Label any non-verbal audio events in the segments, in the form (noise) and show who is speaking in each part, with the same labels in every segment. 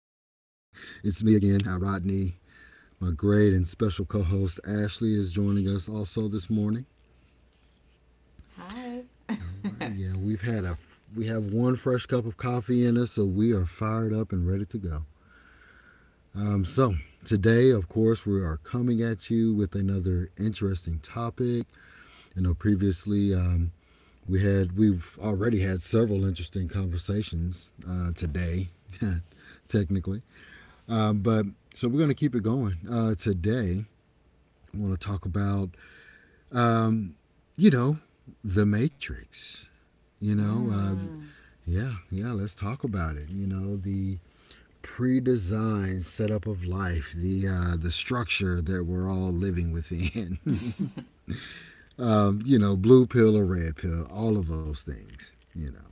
Speaker 1: (laughs) It's me again, Rodney. My great and special co-host Ashley is joining us also this morning.
Speaker 2: Hi.
Speaker 1: Right,
Speaker 2: (laughs)
Speaker 1: yeah, we've had a we have one fresh cup of coffee in us, so we are fired up and ready to go. So today, of course, we are coming at you with another interesting topic. You know, previously we've already had several interesting conversations today, (laughs) technically. But so we're gonna keep it going today. I want to talk about um, you know the Matrix. You know, uh,
Speaker 2: mm. (laughs)
Speaker 1: yeah, yeah. Let's talk about it. You know, the pre-designed setup of life, the the structure that we're all living within. (laughs) You know, blue pill or red pill, all of those things. You know,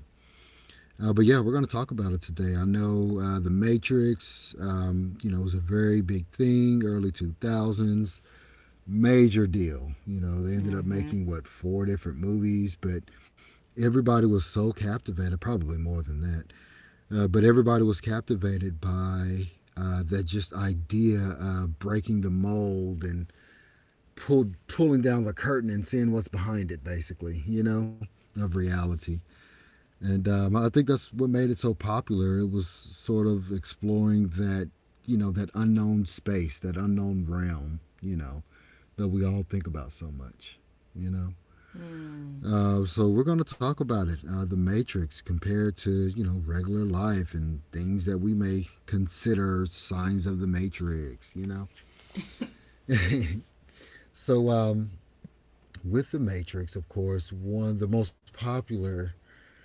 Speaker 1: but yeah, we're going to talk about it today. I know The Matrix, you know, was a very big thing, early 2000s, major deal. You know, they ended up
Speaker 2: mm-hmm.
Speaker 1: making, what, four different movies, but everybody was so captivated, probably more than that, but everybody was captivated by that just idea of breaking the mold and pulling down the curtain and seeing what's behind it, basically, you know, of reality. And I think that's what made it so popular. It was sort of exploring that, you know, that unknown space, that unknown realm, you know, that we all think about so much, you know.
Speaker 2: Mm.
Speaker 1: So we're going to talk about it, the Matrix compared to, you know, regular life and things that we may consider signs of the Matrix, you know. (laughs) so um, with the Matrix, of course, one of the most popular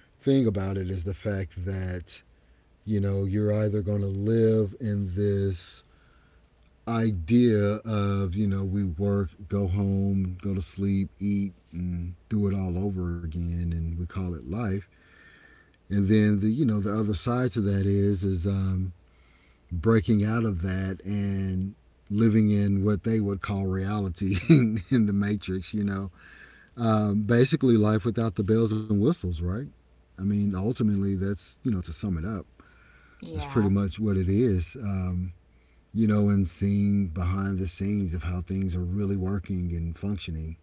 Speaker 1: thing about it is the fact that you know, you're either going to live in this idea of, you know, we work, go home, go to sleep, eat, and do it all over again, and we call it life. And then the, you know, the other side to that is breaking out of that and living in what they would call reality (laughs) in the matrix, you know, basically life without the bells and whistles, right? I mean ultimately that's, you know, to sum it up, that's pretty
Speaker 2: Yeah.
Speaker 1: much what it is. You know, and seeing behind the scenes of how things are really working and functioning.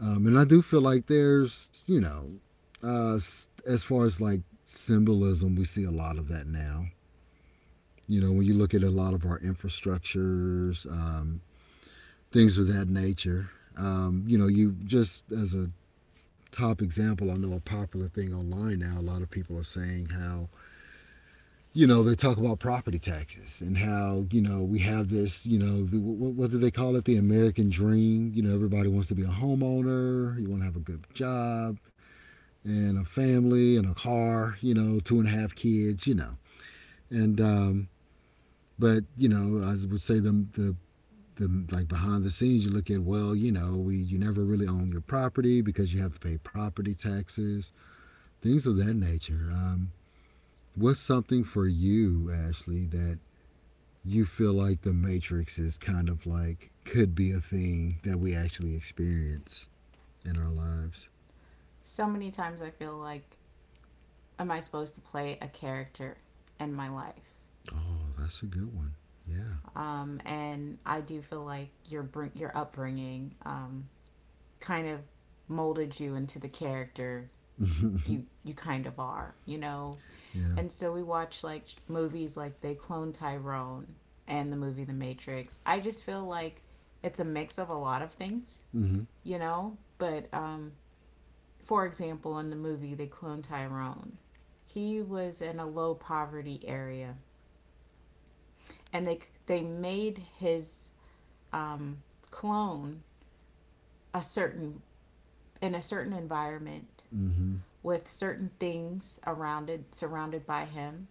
Speaker 1: And I do feel like there's, you know, uh, as far as like symbolism, we see a lot of that now. You know, when you look at a lot of our infrastructures, things of that nature, you know, you just as a top example, I know a popular thing online now, a lot of people are saying how you know they talk about property taxes and how, you know, we have this, you know, the, what do they call it, the american dream, you know, everybody wants to be a homeowner, you want to have a good job and a family and a car, you know, two and a half kids, you know. And um but you know, I would say like behind the scenes, you look at, well, you know, we you never really own your property because you have to pay property taxes, things of that nature. What's something for you, Ashley, that you feel like the Matrix is kind of like could be a thing that we actually experience in our lives.
Speaker 2: So many times I feel like, am I supposed to play a character in my life?
Speaker 1: Oh, that's a good one. Yeah.
Speaker 2: And I do feel like your upbringing kind of molded you into the character you kind of are, you know.
Speaker 1: (laughs) Yeah.
Speaker 2: And so we watch like movies like They Clone Tyrone and the movie The Matrix. I just feel like it's a mix of a lot of things,
Speaker 1: Mhm.
Speaker 2: you know? But for example, in the movie, They Clone Tyrone. He was in a low poverty area, and they made his um, clone a certain in a certain environment
Speaker 1: Mhm.
Speaker 2: with certain things around it surrounded by him,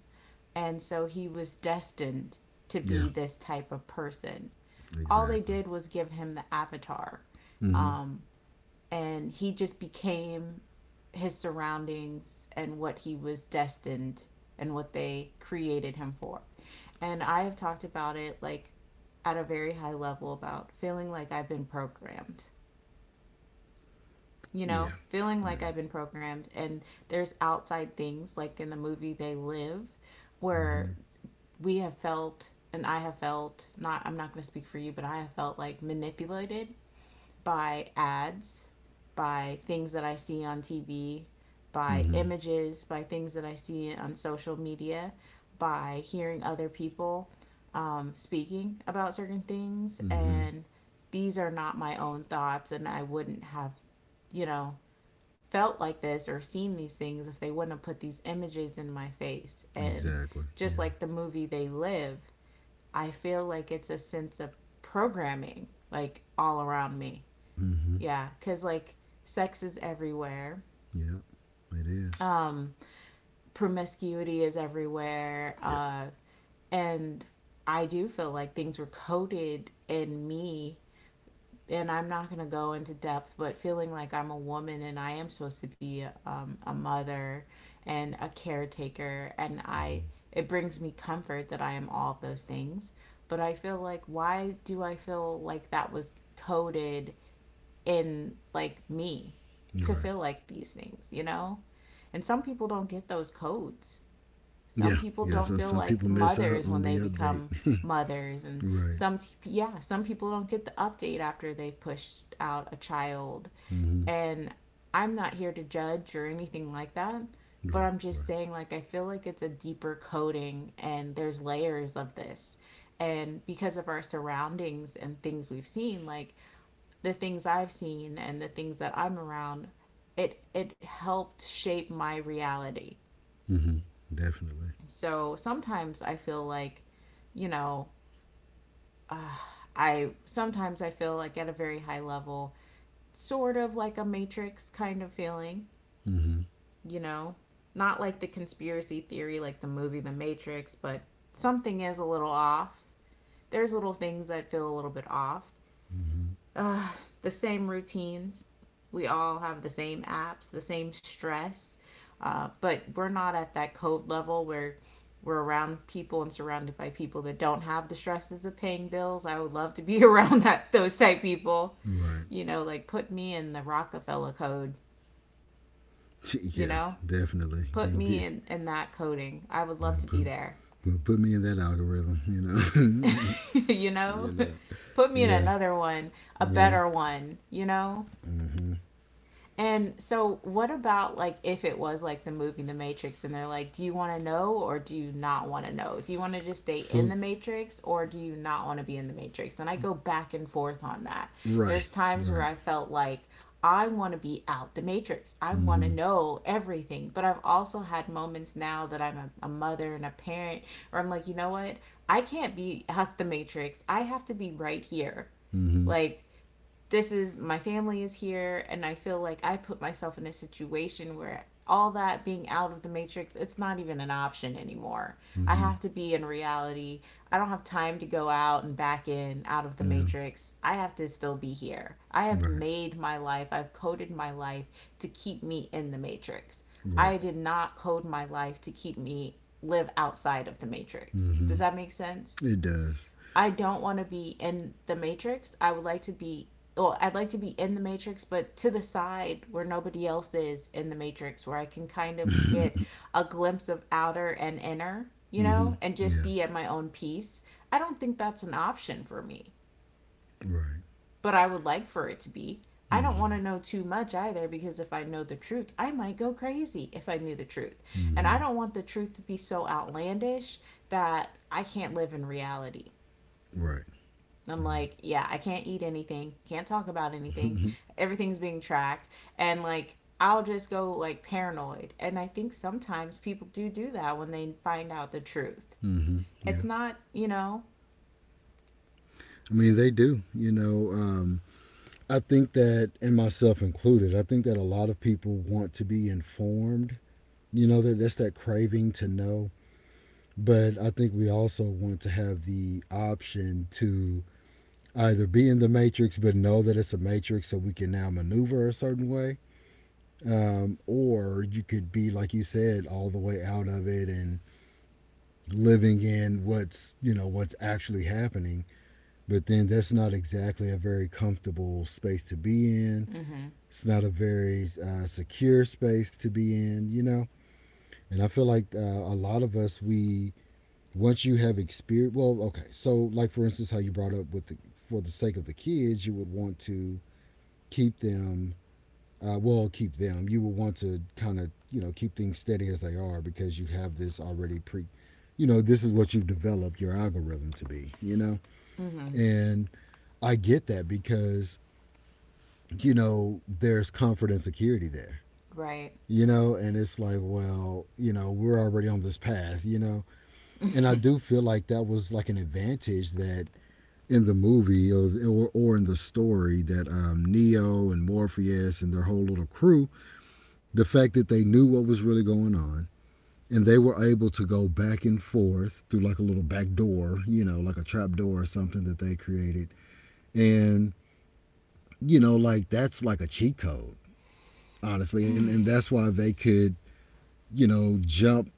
Speaker 2: and so he was destined to be
Speaker 1: Yeah.
Speaker 2: this type of person. All they
Speaker 1: Exactly.
Speaker 2: did was give him the avatar,
Speaker 1: Mhm.
Speaker 2: um, and he just became his surroundings and what he was destined and what they created him for. And I have talked about it like at a very high level about feeling like I've been programmed. You know,
Speaker 1: Yeah.
Speaker 2: feeling like
Speaker 1: Mm.
Speaker 2: I've been programmed and there's outside things like in the movie They Live where
Speaker 1: Mhm.
Speaker 2: we have felt and I have felt, not I'm not going to speak for you, but I have felt like manipulated by ads, by things that I see on TV, by
Speaker 1: Mhm.
Speaker 2: images, by things that I see on social media, by hearing other people speaking about certain things.
Speaker 1: Mhm.
Speaker 2: And these are not my own thoughts, and I wouldn't have, you know, felt like this or seen these things if they wouldn't have put these images in my face. And
Speaker 1: Exactly.
Speaker 2: just
Speaker 1: Yeah.
Speaker 2: like the movie They Live, I feel like it's a sense of programming like all around me.
Speaker 1: Mhm.
Speaker 2: Yeah, because like sex is everywhere,
Speaker 1: Yep. It is.
Speaker 2: um, promiscuity is everywhere,
Speaker 1: Yeah.
Speaker 2: and I do feel like things were coded in me. And I'm not going to go into depth, but feeling like I'm a woman and I am supposed to be a mother and a caretaker, and I it brings me comfort that I am all of those things. But I feel like, why do I feel like that was coded in like me
Speaker 1: You're
Speaker 2: to
Speaker 1: right.
Speaker 2: feel like these things, you know? And some people don't get those codes. Some
Speaker 1: Yeah.
Speaker 2: people
Speaker 1: Yeah.
Speaker 2: don't
Speaker 1: So
Speaker 2: feel
Speaker 1: some people
Speaker 2: like
Speaker 1: miss out
Speaker 2: mothers
Speaker 1: on
Speaker 2: when
Speaker 1: the
Speaker 2: they
Speaker 1: update.
Speaker 2: become mothers
Speaker 1: (laughs)
Speaker 2: and
Speaker 1: Right.
Speaker 2: some, yeah, some people don't get the update after they've pushed out a child.
Speaker 1: Mhm.
Speaker 2: And I'm not here to judge or anything like that, but
Speaker 1: Right.
Speaker 2: I'm just
Speaker 1: Right.
Speaker 2: saying like I feel like it's a deeper coding and there's layers of this. And because of our surroundings and things we've seen, like the things I've seen and the things that I'm around, it helped shape my reality.
Speaker 1: Mhm. Definitely.
Speaker 2: So sometimes I feel like, you know, uh, I sometimes I feel like at a very high level, sort of like a matrix kind of feeling,
Speaker 1: Mm-hmm.
Speaker 2: you know, not like the conspiracy theory like the movie The Matrix, but something is a little off. There's little things that feel a little bit off,
Speaker 1: Mm-hmm.
Speaker 2: uh, the same routines. We all have the same apps, the same stress, but we're not at that code level where we're around people and surrounded by people that don't have the stresses of paying bills. I would love to be (laughs) around that those type people.
Speaker 1: Right.
Speaker 2: You know, like put me in the Rockefeller code,
Speaker 1: (laughs)
Speaker 2: you
Speaker 1: Yeah,
Speaker 2: know?
Speaker 1: definitely.
Speaker 2: Put me in that coding. I would
Speaker 1: Yeah,
Speaker 2: love to be there.
Speaker 1: put me in that algorithm, you know.
Speaker 2: (laughs) You
Speaker 1: (laughs) You
Speaker 2: know?
Speaker 1: know.
Speaker 2: (laughs) Put me in
Speaker 1: Yeah.
Speaker 2: another one, a
Speaker 1: Yeah.
Speaker 2: better one, you know?
Speaker 1: Mm-hmm.
Speaker 2: And so, what about like if it was like the movie The Matrix and they're like, do you want to know or do you not want to know? Do you want to just stay in
Speaker 1: So,
Speaker 2: the Matrix or do you not want to be in the Matrix? And I go back and forth on that.
Speaker 1: right.
Speaker 2: There's times where
Speaker 1: Right.
Speaker 2: I felt like I want to be out the Matrix, I want
Speaker 1: Mm-hmm.
Speaker 2: to know everything. But I've also had moments now that I'm a mother and a parent where I'm like, you know what? I can't be out the Matrix, I have to be right here.
Speaker 1: Mm-hmm.
Speaker 2: Like, this is my family is here, and I feel like I put myself in a situation where all that being out of the Matrix, it's not even an option anymore. I
Speaker 1: Mm-hmm.
Speaker 2: have to be in reality. I don't have time to go out and back in out of the Matrix. I have to still be here. I have
Speaker 1: Yeah. Right.
Speaker 2: made my life. I've coded my life to keep me in the Matrix.
Speaker 1: Right.
Speaker 2: I did not code my life to keep me live outside of the Matrix.
Speaker 1: Mm-hmm.
Speaker 2: Does that make sense?
Speaker 1: It does.
Speaker 2: I don't want to be in the Matrix. I would like to be, well, I'd like to be in the Matrix, but to the side where nobody else is in the Matrix, where I can kind
Speaker 1: (laughs)
Speaker 2: of get
Speaker 1: Mm-hmm.
Speaker 2: a glimpse of outer and inner, you know, and just
Speaker 1: Yeah.
Speaker 2: be at my own peace. I don't think that's an option for me,
Speaker 1: Right.
Speaker 2: but I would like for it to be. I don't want
Speaker 1: Mm-hmm.
Speaker 2: to know too much either, because if I know the truth, I might go crazy if I knew the truth. And
Speaker 1: Mm-hmm.
Speaker 2: I don't want the truth to be so outlandish that I can't live in reality.
Speaker 1: Right.
Speaker 2: I'm like, yeah, I can't eat anything, can't talk about anything.
Speaker 1: Right.
Speaker 2: Everything's being tracked. And like, I'll just go like paranoid. And I think sometimes people do do that when they find out the truth.
Speaker 1: (laughs) Mm-hmm. Yeah.
Speaker 2: It's not, you know,
Speaker 1: I mean, they do. You know, I think that, and myself included, I think that a lot of people want to be informed. You know, that that's that craving to know. But I think we also want to have the option to either be in the matrix, but know that it's a matrix so we can now maneuver a certain way. Or you could be, like you said, all the way out of it and living in what's, you know, what's actually happening. But then that's not exactly a very comfortable space to be in.
Speaker 2: mm-hmm.
Speaker 1: It's not a very secure space to be in, you know. And I feel like a lot of us, we once you have experience, well, okay. So, like for instance, how you brought up with the for the sake of the kids, you would want to keep them. Keep them. You would want to kind of, you know, keep things steady as they are because you have this already pre, you know, this is what you've developed your algorithm to be, you know?
Speaker 2: Mm-hmm,
Speaker 1: And I get that because, you know, there's comfort and security there,
Speaker 2: right.
Speaker 1: you know, and it's like, well, you know, we're already on this path, you know. And I
Speaker 2: (laughs)
Speaker 1: do feel like that was like an advantage that in the movie or in the story that Neo and Morpheus and their whole little crew, the fact that they knew what was really going on and they were able to go back and forth through like a little back door, you know, like a trap door or something that they created. And you know, like that's like a cheat code, honestly. And that's why they could, you know, jump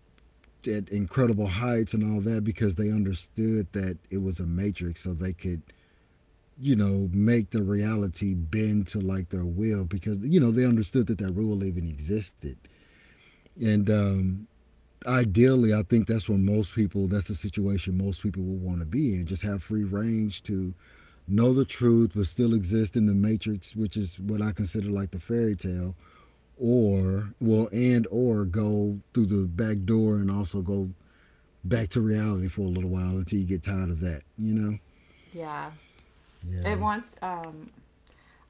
Speaker 1: at incredible heights and all that because they understood that it was a matrix, so they could, you know, make the reality bend to like their will because, you know, they understood that that rule even existed. And ideally I think that's where most people that's the situation most people will want to be in, just have free range to know the truth but still exist in the matrix, which is what I consider like the fairy tale. Or well and Or go through the back door and also go back to reality for a little while until you get tired of that, you know?
Speaker 2: Yeah. It
Speaker 1: Yeah.
Speaker 2: wants,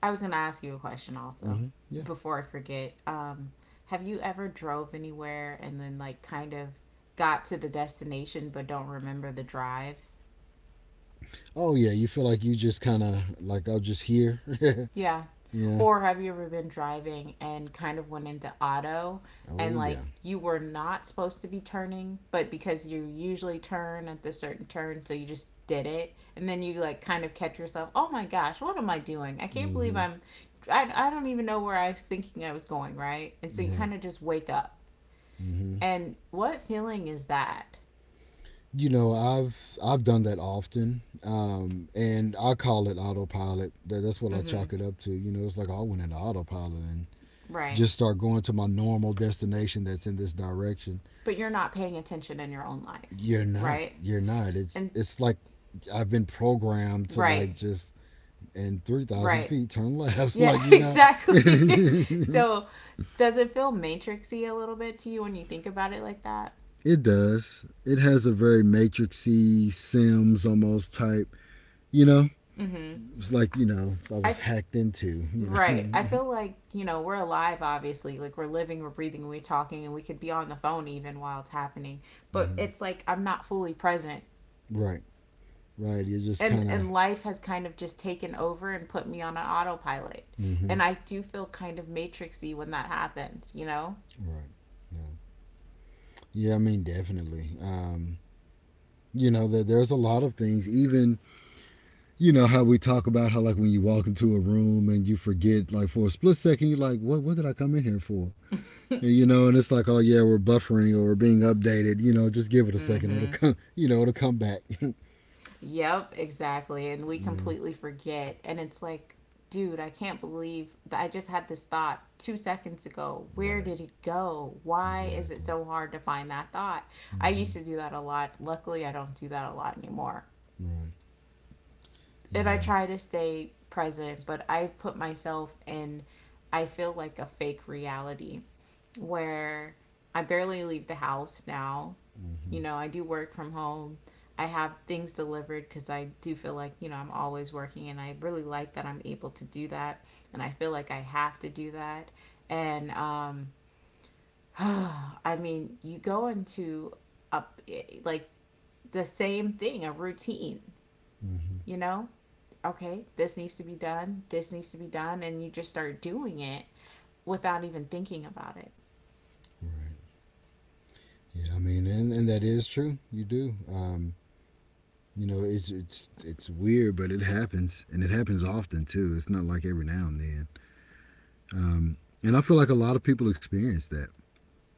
Speaker 2: I was going to ask you a question also
Speaker 1: Hmm. Yeah.
Speaker 2: before I forget. Have you ever drove anywhere and then like kind of got to the destination but don't remember the drive?
Speaker 1: Oh, yeah. You feel like you just kind of, like, I'm just here. (laughs)
Speaker 2: Yeah.
Speaker 1: Yeah.
Speaker 2: Or have you ever been driving and kind of went into auto and
Speaker 1: Oh, yeah.
Speaker 2: like you were not supposed to be turning, but because you usually turn at this certain turn, so you just did it. And then you like kind of catch yourself, oh my gosh, what am I doing? I can't believe
Speaker 1: Hmm.
Speaker 2: I'm, I don't even know where I was thinking I was going, right? And so you
Speaker 1: Right.
Speaker 2: kind of just wake up.
Speaker 1: Hmm.
Speaker 2: And what feeling is that?
Speaker 1: You know, I've done that often, and I call it autopilot. That's what I
Speaker 2: Mm-hmm.
Speaker 1: chalk it up to. You know, it's like, oh, I went into autopilot and
Speaker 2: Right.
Speaker 1: just start going to my normal destination that's in this direction.
Speaker 2: But you're not paying attention in your own life,
Speaker 1: You're not.
Speaker 2: right?
Speaker 1: You're not.
Speaker 2: And
Speaker 1: It's like I've been programmed to
Speaker 2: right,
Speaker 1: like just and 3,000
Speaker 2: right.
Speaker 1: feet, turn left. (laughs)
Speaker 2: Yeah,
Speaker 1: Like,
Speaker 2: (laughs)
Speaker 1: you know, (laughs)
Speaker 2: exactly. (laughs)
Speaker 1: it
Speaker 2: So, does it feel matrixy a little bit to you when you think about it like that?
Speaker 1: does. It has a very matrixy Sims almost type, you know,
Speaker 2: Mm-hmm.
Speaker 1: it's like, you know, I
Speaker 2: I
Speaker 1: was
Speaker 2: f-
Speaker 1: hacked into, you know. (laughs)
Speaker 2: right. I
Speaker 1: Mm-hmm.
Speaker 2: feel like, you know, we're alive, obviously. Like we're living, we're breathing, we're talking, and we could be on the phone even while it's happening. But it's like I'm not fully present,
Speaker 1: Right, right. You're just kind of,
Speaker 2: and life has kind of just taken over and put me on an autopilot.
Speaker 1: mm-hmm.
Speaker 2: And I do feel kind of matrixy when that happens. You know.
Speaker 1: Right. Yeah. Yeah, I mean, definitely. You know, that there's a lot of things, even, you know, how we talk about how, like, when you walk into a room and you forget like for a split second you're like, what did I come in here for? And,
Speaker 2: (laughs)
Speaker 1: you know, and it's like, oh yeah, we're buffering or we're being updated. You know, just give it a second. It'll
Speaker 2: Mm-hmm.
Speaker 1: come. (laughs) You know, it'll come back. (laughs)
Speaker 2: Yep, exactly. And we
Speaker 1: Yeah.
Speaker 2: completely forget. And it's like, dude, I can't believe that I just had this thought 2 seconds ago. Where
Speaker 1: Right.
Speaker 2: did it go? Why is it
Speaker 1: Exactly.
Speaker 2: so hard to find that thought? I used
Speaker 1: Mm-hmm.
Speaker 2: to do that a lot. Luckily, I don't do that a lot anymore.
Speaker 1: Right.
Speaker 2: And I
Speaker 1: Yeah.
Speaker 2: try to stay present, but I put myself in, I feel like a fake reality where I barely leave the house now,
Speaker 1: Mm-hmm.
Speaker 2: you know, I do work from home. I have things delivered because I do feel like, you know, I'm always working and I really like that I'm able to do that. And I feel like I have to do that. And, (sighs) I mean, you go into a, like the same thing, a routine,
Speaker 1: Mm-hmm.
Speaker 2: you know? Okay, this needs to be done, this needs to be done. And you just start doing it without even thinking about it.
Speaker 1: Right. Yeah. I mean, and that is true. You do. You know, it's weird, but it happens, and it happens often too. It's not like every now and then. Um, and I feel like a lot of people experience that.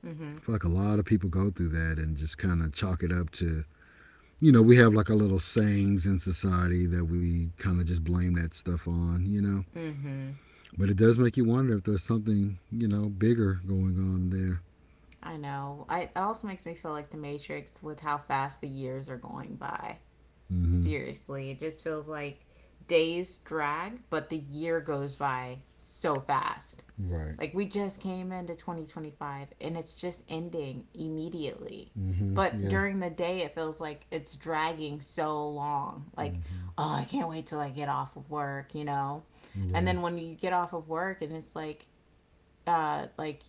Speaker 2: Mm
Speaker 1: I
Speaker 2: hmm.
Speaker 1: feel like a lot of people go through that and just kind of chalk it up to, you know, we have like our little sayings in society that we kind of just blame that stuff on, you know.
Speaker 2: Mm hmm.
Speaker 1: But it does make you wonder if there's something, you know, bigger going on there.
Speaker 2: I know. It also makes me feel like the Matrix with how fast the years are going by.
Speaker 1: Mm-hmm.
Speaker 2: Seriously, it just feels like days drag, but the year goes by so fast.
Speaker 1: Right.
Speaker 2: Like we just came into 2025 and it's just ending immediately.
Speaker 1: Mm-hmm.
Speaker 2: But
Speaker 1: Yeah.
Speaker 2: during the day, it feels like it's dragging so long. Like,
Speaker 1: Mm-hmm.
Speaker 2: oh, I can't wait till I get off of work, you know? And
Speaker 1: Right.
Speaker 2: then when you get off of work and it's like, like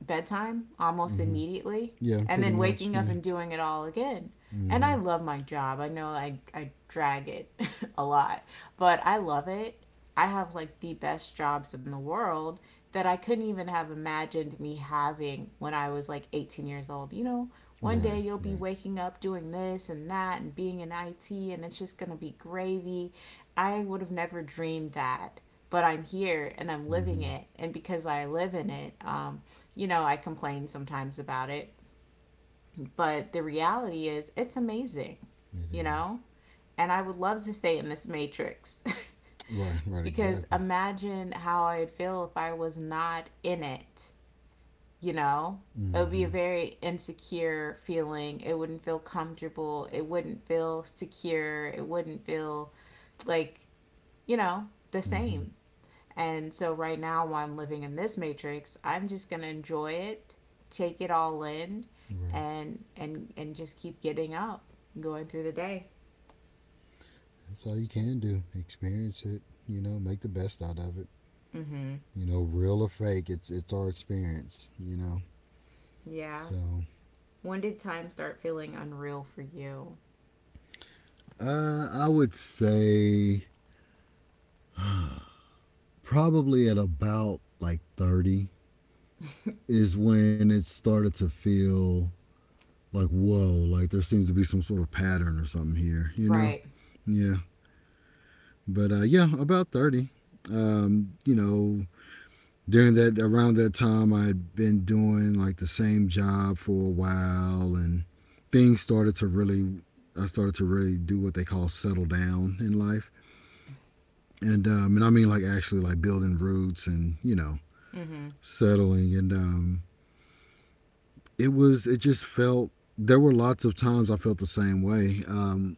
Speaker 2: bedtime almost
Speaker 1: Mm-hmm.
Speaker 2: immediately
Speaker 1: Yeah,
Speaker 2: and
Speaker 1: pretty
Speaker 2: then
Speaker 1: much.
Speaker 2: waking up
Speaker 1: Yeah.
Speaker 2: and doing it all again. And
Speaker 1: Mm-hmm.
Speaker 2: I love my job. I know I drag it (laughs) a lot, but I love it. I have like the best jobs in the world that I couldn't even have imagined me having when I was like 18 years old. You know, one
Speaker 1: Right.
Speaker 2: day you'll be
Speaker 1: Right.
Speaker 2: waking up doing this and that and being in IT and it's just going to be gravy. I would have never dreamed that, but I'm here and I'm living
Speaker 1: Mm-hmm.
Speaker 2: it. And because I live in it, you know, I complain sometimes about it, but the reality is it's amazing,
Speaker 1: It
Speaker 2: you
Speaker 1: is.
Speaker 2: know? And I would love to stay in this matrix
Speaker 1: Right.
Speaker 2: (laughs)
Speaker 1: Right.
Speaker 2: because
Speaker 1: Exactly.
Speaker 2: imagine how I'd feel if I was not in it, you know? It would be a
Speaker 1: Mm-hmm.
Speaker 2: very insecure feeling. It wouldn't feel comfortable. It wouldn't feel secure. It wouldn't feel like, you know, the
Speaker 1: Mm-hmm.
Speaker 2: same. And so right now, while I'm living in this matrix, I'm just gonna enjoy it, take it all in,
Speaker 1: Right.
Speaker 2: and just keep getting up, going through the day.
Speaker 1: That's all you can do. Experience it. You know, make the best out of it.
Speaker 2: Mm-hmm.
Speaker 1: You know, real or fake, it's our experience. You know.
Speaker 2: Yeah.
Speaker 1: So
Speaker 2: When did time start feeling unreal for you?
Speaker 1: I would say probably at about like 30
Speaker 2: (laughs)
Speaker 1: is when it started to feel like, whoa, like there seems to be some sort of pattern or something here, you know?
Speaker 2: Right.
Speaker 1: Yeah. But yeah, about 30. Um, you know, during that, around that time, I had been doing like the same job for a while, and things started to really, I started to really do what they call settle down in life. And I mean, like, actually, like, building roots and
Speaker 2: Mm-hmm.
Speaker 1: settling, and it just felt, there were lots of times I felt the same way, um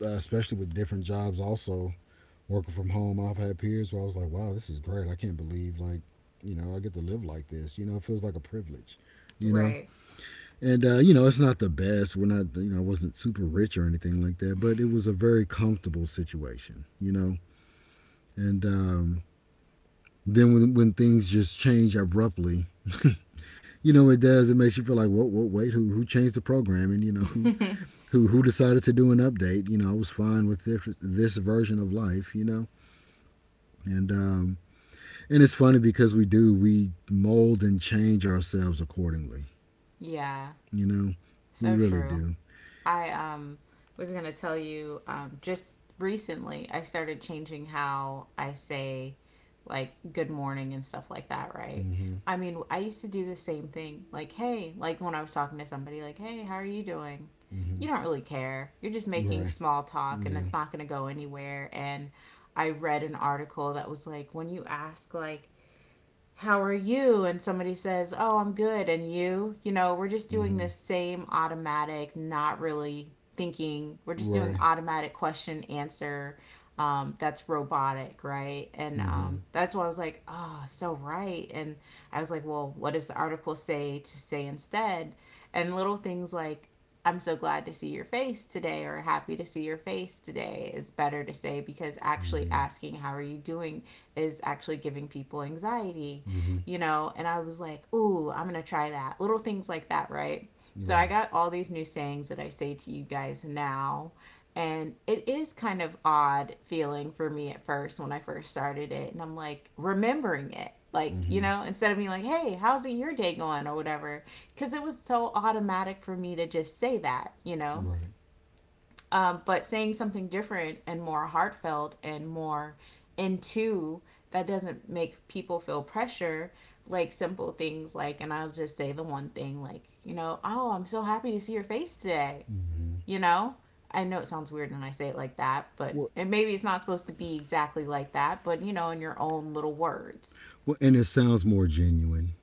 Speaker 1: uh, especially with different jobs. Also working from home, I've had periods where I was like, wow, this is great, I can't believe, like, you know, I get to live like this, you know. It feels like a privilege, you know.
Speaker 2: Right.
Speaker 1: And uh it's not the best, we're not, you know, I wasn't super rich or anything like that, but it was a very comfortable situation, you know. And Then when things just change abruptly. (laughs) It does, it makes you feel like, what wait, who changed the programming, who decided to do an update? I was fine with this version of life, you know. And um and it's funny because we mold and change ourselves accordingly.
Speaker 2: (laughs) Yeah.
Speaker 1: you know we
Speaker 2: So
Speaker 1: really
Speaker 2: true.
Speaker 1: do.
Speaker 2: I was going to tell you just recently I started changing how I say like good morning and stuff like that, right?
Speaker 1: Mm-hmm.
Speaker 2: I mean, I used to do the same thing. Like, hey, like when I was talking to somebody, like, hey, how are you doing?
Speaker 1: Mm-hmm.
Speaker 2: You don't really care. You're just making
Speaker 1: Right.
Speaker 2: small talk and
Speaker 1: Yeah.
Speaker 2: it's not going to go anywhere. And I read an article that was like, when you ask, like, how are you? And somebody says, oh, I'm good. And you know, we're just doing
Speaker 1: Mm-hmm.
Speaker 2: this same automatic, not really thinking, we're just doing
Speaker 1: Right.
Speaker 2: automatic question answer. That's robotic, right? And
Speaker 1: Mm-hmm.
Speaker 2: that's why I was like, oh, so right. And I was like, well, what does the article say to say instead? And little things like, I'm so glad to see your face today, or happy to see your face today is better to say because actually
Speaker 1: Mm-hmm.
Speaker 2: asking, how are you doing, is actually giving people anxiety,
Speaker 1: Mm-hmm.
Speaker 2: you know, and I was like, ooh, I'm going to try that. Little things like that, right? So I
Speaker 1: Right.
Speaker 2: got all these new sayings that I say to you guys now. And it is kind of odd feeling for me at first when I first started it. And I'm like remembering it. Like, you
Speaker 1: Mm-hmm.
Speaker 2: know, instead of me like, hey, how's your day going or whatever? Because it was so automatic for me to just say that, you know?
Speaker 1: Right.
Speaker 2: But saying something different and more heartfelt and more into that doesn't make people feel pressure, like simple things like, and I'll just say the one thing like, you know, oh, I'm so happy to see your face today, you know. I know it sounds weird when I say it like that, but
Speaker 1: well,
Speaker 2: and maybe it's not supposed to be exactly like that, but you know, in your own little words.
Speaker 1: well and it sounds more genuine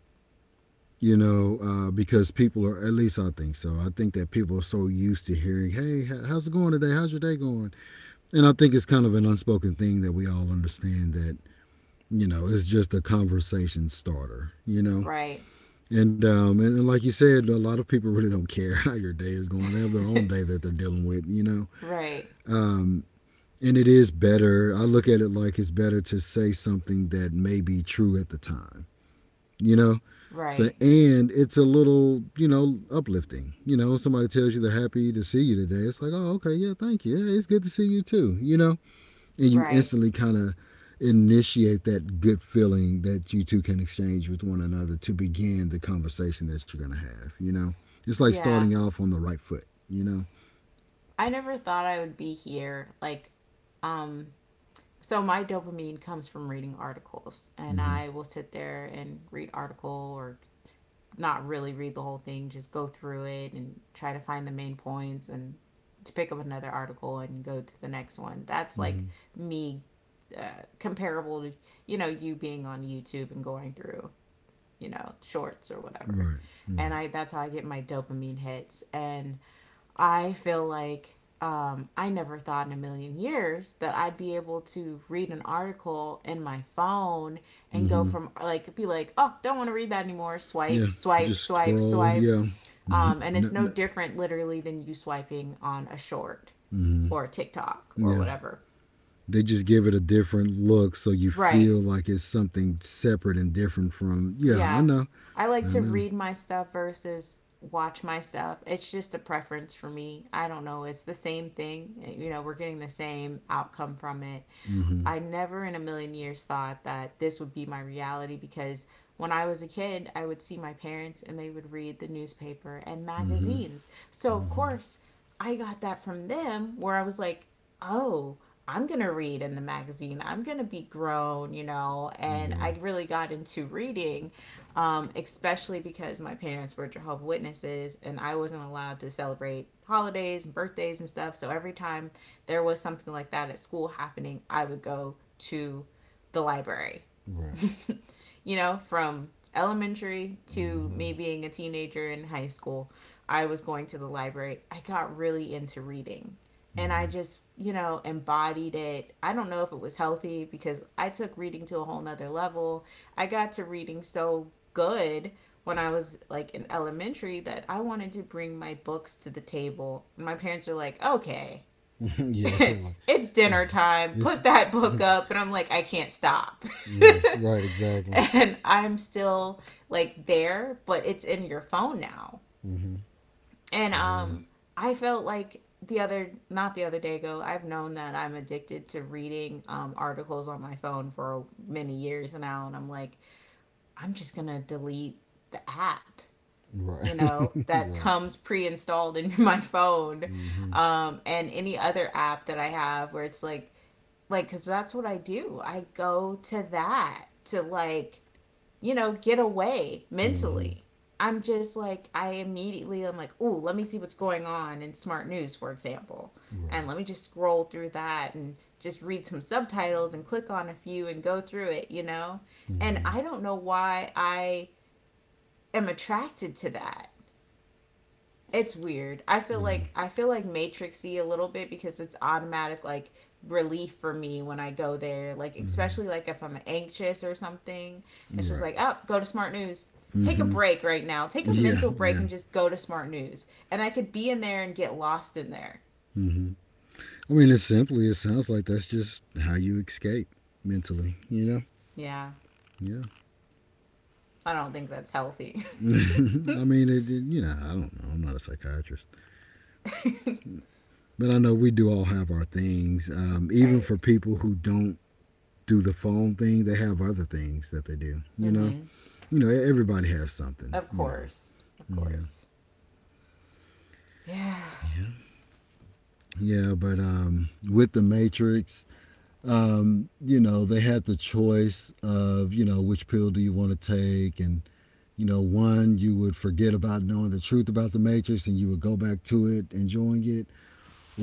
Speaker 1: you know, uh, because people are, at least I think so. I think that people are so used to hearing, hey, how's it going today? How's your day going? And I think it's kind of an unspoken thing that we all understand that it's just a conversation starter, you know?
Speaker 2: Right.
Speaker 1: And like you said, a lot of people really don't care (laughs) how your day is going. They have their own
Speaker 2: (laughs)
Speaker 1: day that they're dealing with, you know?
Speaker 2: Right.
Speaker 1: Um, and it is better. I look at it like it's better to say something that may be true at the time, you know? So,
Speaker 2: Right.
Speaker 1: and it's a little uplifting. Somebody tells you they're happy to see you today. It's like, oh, okay, yeah, thank you. Yeah, it's good to see you too. And you
Speaker 2: Right.
Speaker 1: instantly kind of initiate that good feeling that you two can exchange with one another to begin the conversation that you're gonna have. It's like
Speaker 2: Yeah,
Speaker 1: starting off on the right foot.
Speaker 2: I never thought I would be here like, um so my dopamine comes from reading articles, and
Speaker 1: Mm-hmm.
Speaker 2: I will sit there and read article or not really read the whole thing, just go through it and try to find the main points and to pick up another article and go to the next one. That's
Speaker 1: Mm-hmm.
Speaker 2: like me, comparable to, you know, you being on YouTube and going through, you know, shorts or whatever.
Speaker 1: Right.
Speaker 2: And
Speaker 1: Right.
Speaker 2: I, that's how I get my dopamine hits. And I feel like, I never thought in a million years that I'd be able to read an article in my phone and go
Speaker 1: Mm-hmm.
Speaker 2: from like be like, oh, don't want to read that anymore. Swipe,
Speaker 1: Yeah.
Speaker 2: swipe,
Speaker 1: Just
Speaker 2: swipe,
Speaker 1: scroll.
Speaker 2: swipe.
Speaker 1: Yeah. (laughs) no,
Speaker 2: And it's no
Speaker 1: no.
Speaker 2: different literally than you swiping on a short
Speaker 1: Mm-hmm.
Speaker 2: or a TikTok or
Speaker 1: Yeah.
Speaker 2: whatever.
Speaker 1: They just give it a different look so you
Speaker 2: Right.
Speaker 1: feel like it's something separate and different from. Yeah, I
Speaker 2: Yeah,
Speaker 1: know.
Speaker 2: I like
Speaker 1: I
Speaker 2: to
Speaker 1: know.
Speaker 2: read my stuff versus watch my stuff. It's just a preference for me. I don't know. It's the same thing. Eh, you know, we're getting the same outcome from it.
Speaker 1: Mm hmm.
Speaker 2: I never in a million years thought that this would be my reality because when I was a kid, I would see my parents and they would read the newspaper and
Speaker 1: Mm hmm.
Speaker 2: magazines. So, of
Speaker 1: Mm
Speaker 2: course, I got that from them where I was like, oh, I'm going to read in the magazine. I'm going to be grown, you know.
Speaker 1: hmm.
Speaker 2: And I
Speaker 1: Right.
Speaker 2: really got into reading, especially because my parents were Jehovah's Witnesses and I wasn't allowed to celebrate holidays and birthdays and stuff. So every time there was something like that at school happening, I would go to the library.
Speaker 1: Right.
Speaker 2: (laughs) You know, from elementary
Speaker 1: Mm
Speaker 2: to
Speaker 1: hmm.
Speaker 2: me being a teenager in high school, I was going to the library. I got really into reading, and I
Speaker 1: Mm
Speaker 2: just, you know, embodied it. I don't know if it was healthy because I took reading to a whole nother level. I got to reading so good when I was like in elementary that I wanted to bring my books to the table. And my parents were like, okay,
Speaker 1: hmm. (laughs)
Speaker 2: (laughs)
Speaker 1: yeah, they're like,
Speaker 2: it's
Speaker 1: (laughs) yeah,
Speaker 2: dinner time.
Speaker 1: this.
Speaker 2: Put that book up. And I'm like, I can't stop.
Speaker 1: Right. Right,
Speaker 2: (laughs)
Speaker 1: exactly.
Speaker 2: And I'm still like there, but it's in your phone now.
Speaker 1: Mm hmm.
Speaker 2: And
Speaker 1: It is.
Speaker 2: I felt like the other, not the other day ago, I've known that I'm addicted to reading articles on my phone for many years now, and I'm like, I'm just going to delete the app,
Speaker 1: Right.
Speaker 2: you
Speaker 1: (laughs)
Speaker 2: know, that
Speaker 1: right.
Speaker 2: comes pre-installed in my phone,
Speaker 1: Mm hmm.
Speaker 2: and any other app that I have where it's like cuz that's what I do. I go to that to like, you know, get away
Speaker 1: Mm hmm.
Speaker 2: mentally. I'm just like, I immediately I am like, ooh, let me see what's going on in Smart News, for example.
Speaker 1: Right.
Speaker 2: And let me just scroll through that and just read some subtitles and click on a few and go through it, you know?
Speaker 1: Mm
Speaker 2: And
Speaker 1: hmm.
Speaker 2: I don't know why I am attracted to that. It's weird. I feel
Speaker 1: Yeah.
Speaker 2: like I feel like matrixy a little bit because it's automatic like relief for me when I go there. Like
Speaker 1: Mm
Speaker 2: especially like if I'm anxious or something, it's
Speaker 1: hmm.
Speaker 2: just
Speaker 1: Right.
Speaker 2: like up, oh, go to Smart News.
Speaker 1: Mm
Speaker 2: Take a
Speaker 1: hmm.
Speaker 2: break right now. Take a
Speaker 1: Yeah.
Speaker 2: mental break
Speaker 1: Yeah.
Speaker 2: and just go to Smart News. And I could be in there and get lost in there.
Speaker 1: Mm hmm. I mean, it's simply, it sounds like that's just how you escape mentally, you know?
Speaker 2: Yeah,
Speaker 1: Yeah.
Speaker 2: I don't think that's healthy.
Speaker 1: (laughs) I
Speaker 2: (laughs)
Speaker 1: mean, I don't know. I'm not a psychiatrist. But I know we do all have our things. Even
Speaker 2: Right.
Speaker 1: for people who don't do the phone thing, they have other things that they do, you know?
Speaker 2: Mm-hmm.
Speaker 1: Everybody has something,
Speaker 2: Of
Speaker 1: you know?
Speaker 2: course. Of
Speaker 1: Yeah.
Speaker 2: course. Yeah.
Speaker 1: Yeah, but with the Matrix, they had the choice of which pill do you want to take. And, you know, one, you would forget about knowing the truth about the Matrix, and you would go back to it, enjoying it.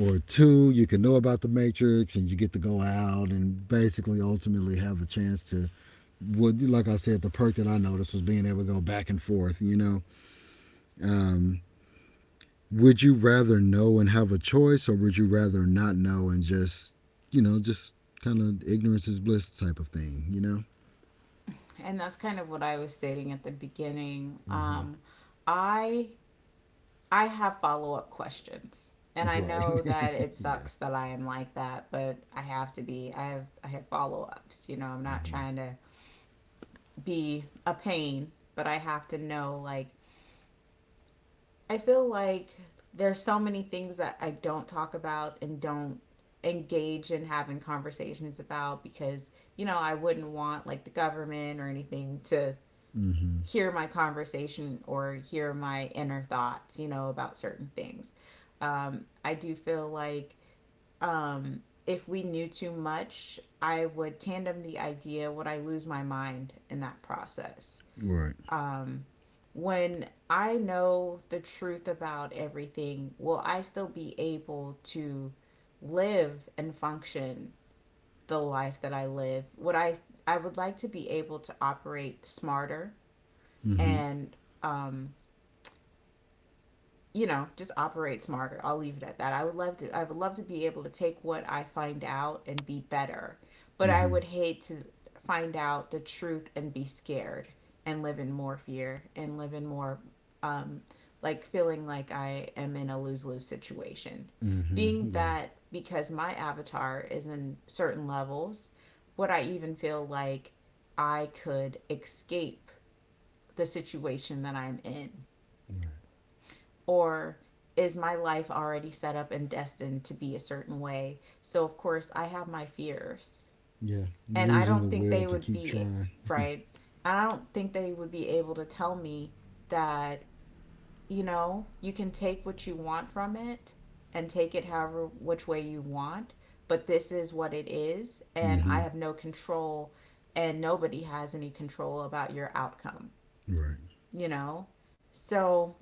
Speaker 1: Or two, you can know about the Matrix and you get to go out and basically ultimately have the chance to, what, like I said, the perk that I noticed was being able to go back and forth. Um, would you rather know and have a choice, or would you rather not know, and just kind of ignorance is bliss type of thing, you know?
Speaker 2: And that's kind of what I was stating at the beginning.
Speaker 1: Mm-hmm.
Speaker 2: I I have follow up questions, and I
Speaker 1: Right.
Speaker 2: know that
Speaker 1: (laughs)
Speaker 2: it
Speaker 1: yeah.
Speaker 2: sucks that I am like that, but I have to be. I have follow ups. You know, I'm not
Speaker 1: Mm-hmm.
Speaker 2: trying to be a pain, but I have to know. Like, I feel like there's so many things that I don't talk about and don't engage in having conversations about because you know I wouldn't want like the government or anything to
Speaker 1: Mm-hmm.
Speaker 2: hear my conversation or hear my inner thoughts, you know, about certain things. I do feel like, if we knew too much, I would tandem the idea, would I lose my mind in that process?
Speaker 1: Right.
Speaker 2: Um, when I know the truth about everything, will I still be able to live and function the life that I live? Would I would like to be able to operate smarter
Speaker 1: Mm-hmm.
Speaker 2: and, um, you know, just operate smarter. I'll leave it at that. I would love to be able to take what I find out and be better. But I
Speaker 1: Mm-hmm.
Speaker 2: would hate to find out the truth and be scared and live in more fear and live in more, um like feeling like I am in a lose-lose situation.
Speaker 1: Mm-hmm.
Speaker 2: Being
Speaker 1: Yeah.
Speaker 2: that because my avatar is in certain levels, would I even feel like I could escape the situation that I'm in?
Speaker 1: Right.
Speaker 2: Or is my life already set up and destined to be a certain way? So, of course, I have my fears.
Speaker 1: Yeah.
Speaker 2: And I
Speaker 1: Losing
Speaker 2: don't
Speaker 1: the
Speaker 2: think they
Speaker 1: will to
Speaker 2: would
Speaker 1: keep
Speaker 2: be
Speaker 1: trying.
Speaker 2: right. And I don't think they would be able to tell me that, you know, you can take what you want from it and take it however which way you want, but this is what it is. And I
Speaker 1: Mm-hmm.
Speaker 2: have no control, and nobody has any control about your outcome,
Speaker 1: Right.
Speaker 2: you know? So,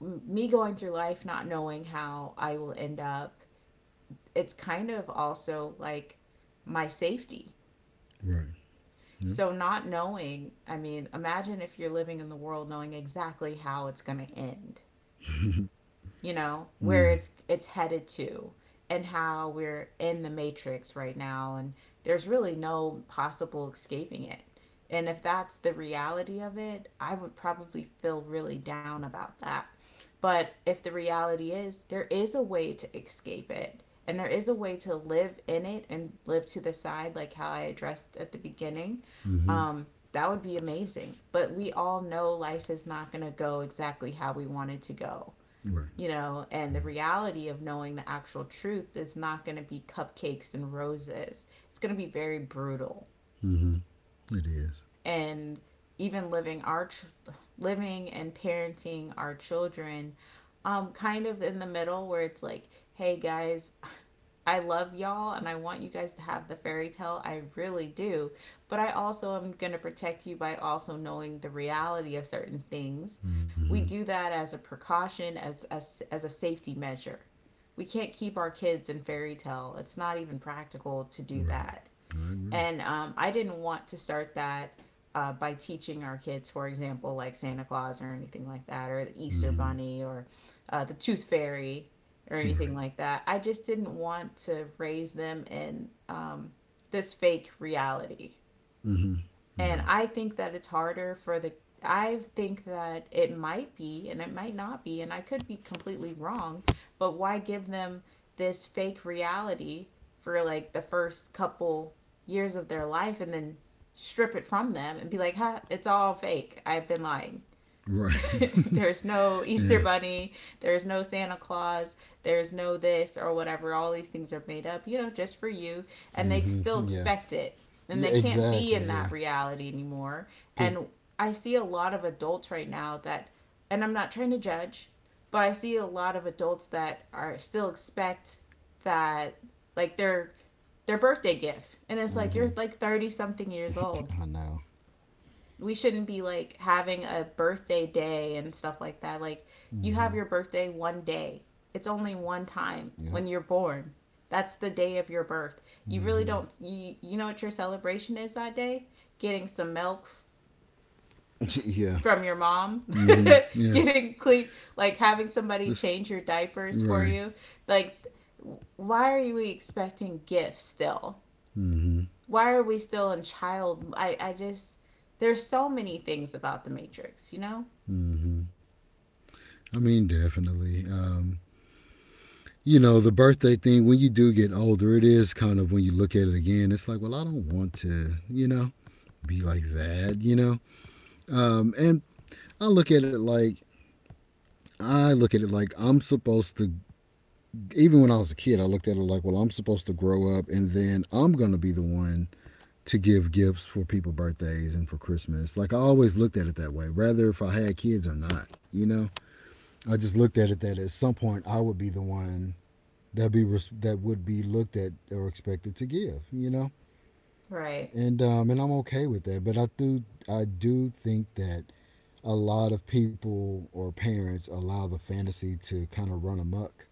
Speaker 2: me going through life not knowing how I will end up, it's kind of also like my safety.
Speaker 1: Right. Yep.
Speaker 2: So, not knowing, I mean, imagine if you're living in the world knowing exactly how it's going to end.
Speaker 1: (laughs)
Speaker 2: You know where
Speaker 1: yeah.
Speaker 2: it's headed to, and how we're in the matrix right now, and there's really no possible escaping it. And if that's the reality of it, I would probably feel really down about that. But if the reality is there is a way to escape it, and there is a way to live in it and live to the side like how I addressed at the beginning,
Speaker 1: Mm-hmm.
Speaker 2: um, that would be amazing. But we all know life is not going to go exactly how we want it to go,
Speaker 1: Right.
Speaker 2: you know, and the reality of knowing the actual truth is not going to be cupcakes and roses. It's going to be very brutal.
Speaker 1: Mm-hmm. It is.
Speaker 2: And even living living and parenting our children kind of in the middle where it's like, "Hey guys, I love y'all and I want you guys to have the fairy tale. I really do. But I also am going to protect you by also knowing the reality of certain things.
Speaker 1: Mm-hmm.
Speaker 2: We do that as a precaution, as a safety measure. We can't keep our kids in fairy tale. It's not even practical to do
Speaker 1: Right.
Speaker 2: that.
Speaker 1: I agree.
Speaker 2: And I didn't want to start that by teaching our kids, for example, like Santa Claus or anything like that, or the Easter
Speaker 1: Mm-hmm.
Speaker 2: Bunny or the Tooth Fairy or anything
Speaker 1: Right.
Speaker 2: like that. I just didn't want to raise them in this fake reality.
Speaker 1: Mm-hmm.
Speaker 2: And
Speaker 1: Yeah.
Speaker 2: I think that it's harder for the I think that it might be and it might not be and I could be completely wrong, but why give them this fake reality for like the first couple years of their life and then strip it from them and be like, "Ha, it's all fake. I've been lying."
Speaker 1: Right. (laughs)
Speaker 2: (laughs) There's no
Speaker 1: Yeah.
Speaker 2: Easter Bunny, there's no Santa Claus, there's no this or whatever. All these things are made up, just for you. And they still
Speaker 1: Mm-hmm. Yeah.
Speaker 2: expect it. And
Speaker 1: Yeah.
Speaker 2: they can't be
Speaker 1: Exactly.
Speaker 2: in
Speaker 1: Yeah.
Speaker 2: that reality anymore.
Speaker 1: Cause.
Speaker 2: And I see a lot of adults right now that, and I'm not trying to judge, but I see a lot of adults that are still expect that, like, their birthday gift and it's like
Speaker 1: Mm-hmm.
Speaker 2: you're like 30 something years old.
Speaker 1: I know.
Speaker 2: We shouldn't be like having a birthday day and stuff like that. Like you
Speaker 1: Mm-hmm.
Speaker 2: have your birthday one day. It's only one time
Speaker 1: Yep.
Speaker 2: when you're born. That's the day of your birth. You really
Speaker 1: Mm-hmm.
Speaker 2: don't you, you know what your celebration is that day? Getting some milk
Speaker 1: (laughs) yeah.
Speaker 2: from your mom,
Speaker 1: Mm-hmm.
Speaker 2: (laughs)
Speaker 1: Yeah.
Speaker 2: getting clean, like having somebody
Speaker 1: This.
Speaker 2: change your diapers for
Speaker 1: Right.
Speaker 2: you. Like why are we expecting gifts still?
Speaker 1: Mm-hmm.
Speaker 2: Why are we still in child I just there's so many things about the matrix, you know?
Speaker 1: Mm-hmm. I mean, definitely. The birthday thing, when you do get older, it is kind of when you look at it again, it's like, well, I don't want to be like that, you know? And I look at it like, I look at it like I'm supposed to, even when I was a kid. I looked at it like, well, I'm supposed to grow up and then I'm going to be the one to give gifts for people birthdays and for Christmas. Like I always looked at it that way, whether if I had kids or not, you know? I just looked at it that at some point I would be the one that be that would be looked at or expected to give,
Speaker 2: Right.
Speaker 1: and I'm okay with that. But I do think that a lot of people or parents allow the fantasy to kind of run amok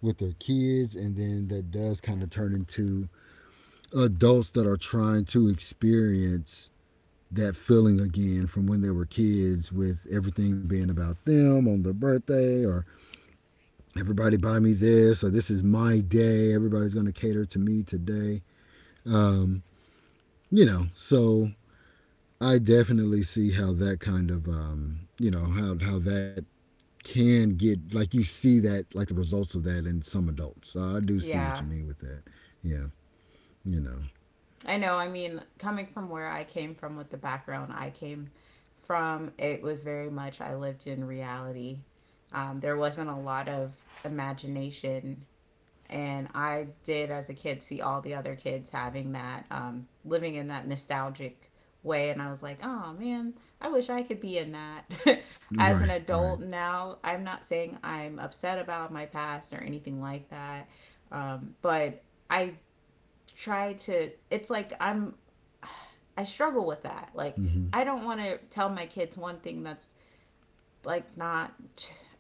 Speaker 1: with their kids, and then that does kind of turn into adults that are trying to experience that feeling again from when they were kids, with everything being about them on their birthday, or everybody buy me this, or this is my day, everybody's going to cater to me today. Um, so I definitely see how that kind of how that can get, like, you see that, like, the results of that in some adults. So I do see what
Speaker 2: Yeah.
Speaker 1: you mean with that. Yeah, you know,
Speaker 2: I know. I mean, coming from where I came from with the background I came from, it was very much I lived in reality. There wasn't a lot of imagination. And I did, as a kid, see all the other kids having that, living in that nostalgic way. And I was like, oh man, I wish I could be in that. (laughs) As
Speaker 1: right,
Speaker 2: an
Speaker 1: right,
Speaker 2: adult now, I'm not saying I'm upset about my past or anything like that. But I try to it's like I struggle with that. Like
Speaker 1: mm-hmm.
Speaker 2: I don't want to tell my kids one thing that's like not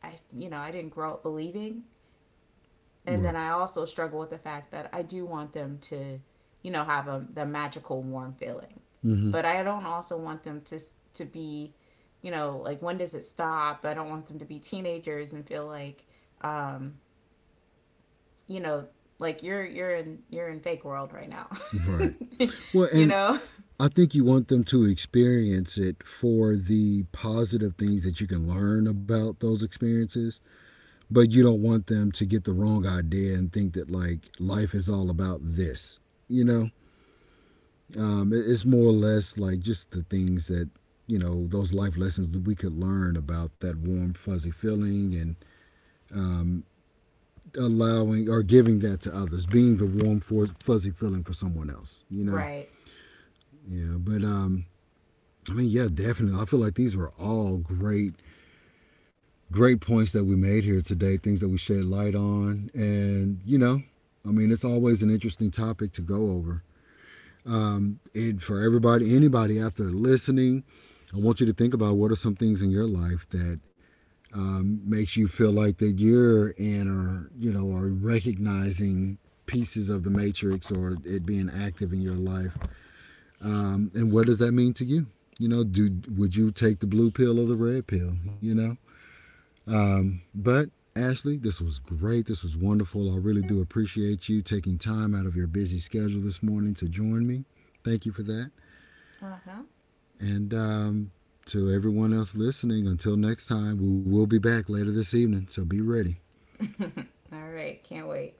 Speaker 2: I didn't grow up believing. And then
Speaker 1: Right,
Speaker 2: I also struggle with the fact that I do want them to, have a the magical warm feeling.
Speaker 1: mm-hmm.
Speaker 2: But I don't also want them to be, like when does it stop? I don't want them to be teenagers and feel like um, you know, like you're in fake world right now.
Speaker 1: Right. Well,
Speaker 2: (laughs) You
Speaker 1: and
Speaker 2: know?
Speaker 1: I think you want them to experience it for the positive things that you can learn about those experiences, but you don't want them to get the wrong idea and think that like life is all about this. You know, it's more or less like just the things that those life lessons that we could learn about, that warm fuzzy feeling, and um, allowing or giving that to others, being the warm fuzzy feeling for someone else.
Speaker 2: Right.
Speaker 1: Yeah. But I mean, yeah, definitely. I feel like these were all great, great points that we made here today. Things that we shed light on, and I mean, it's always an interesting topic to go over. And for everybody, anybody out there listening, I want you to think about, what are some things in your life that makes you feel like that you're in, or are recognizing pieces of the Matrix, or it being active in your life, and what does that mean to you? You know, do Would you take the blue pill or the red pill? But, Ashley, this was great. This was wonderful. I really do appreciate you taking time out of your busy schedule this morning to join me. Thank you for that.
Speaker 2: Uh
Speaker 1: And to everyone else listening, until next time, we will be back later this evening, so be ready.
Speaker 2: huh. (laughs) All right. Can't wait.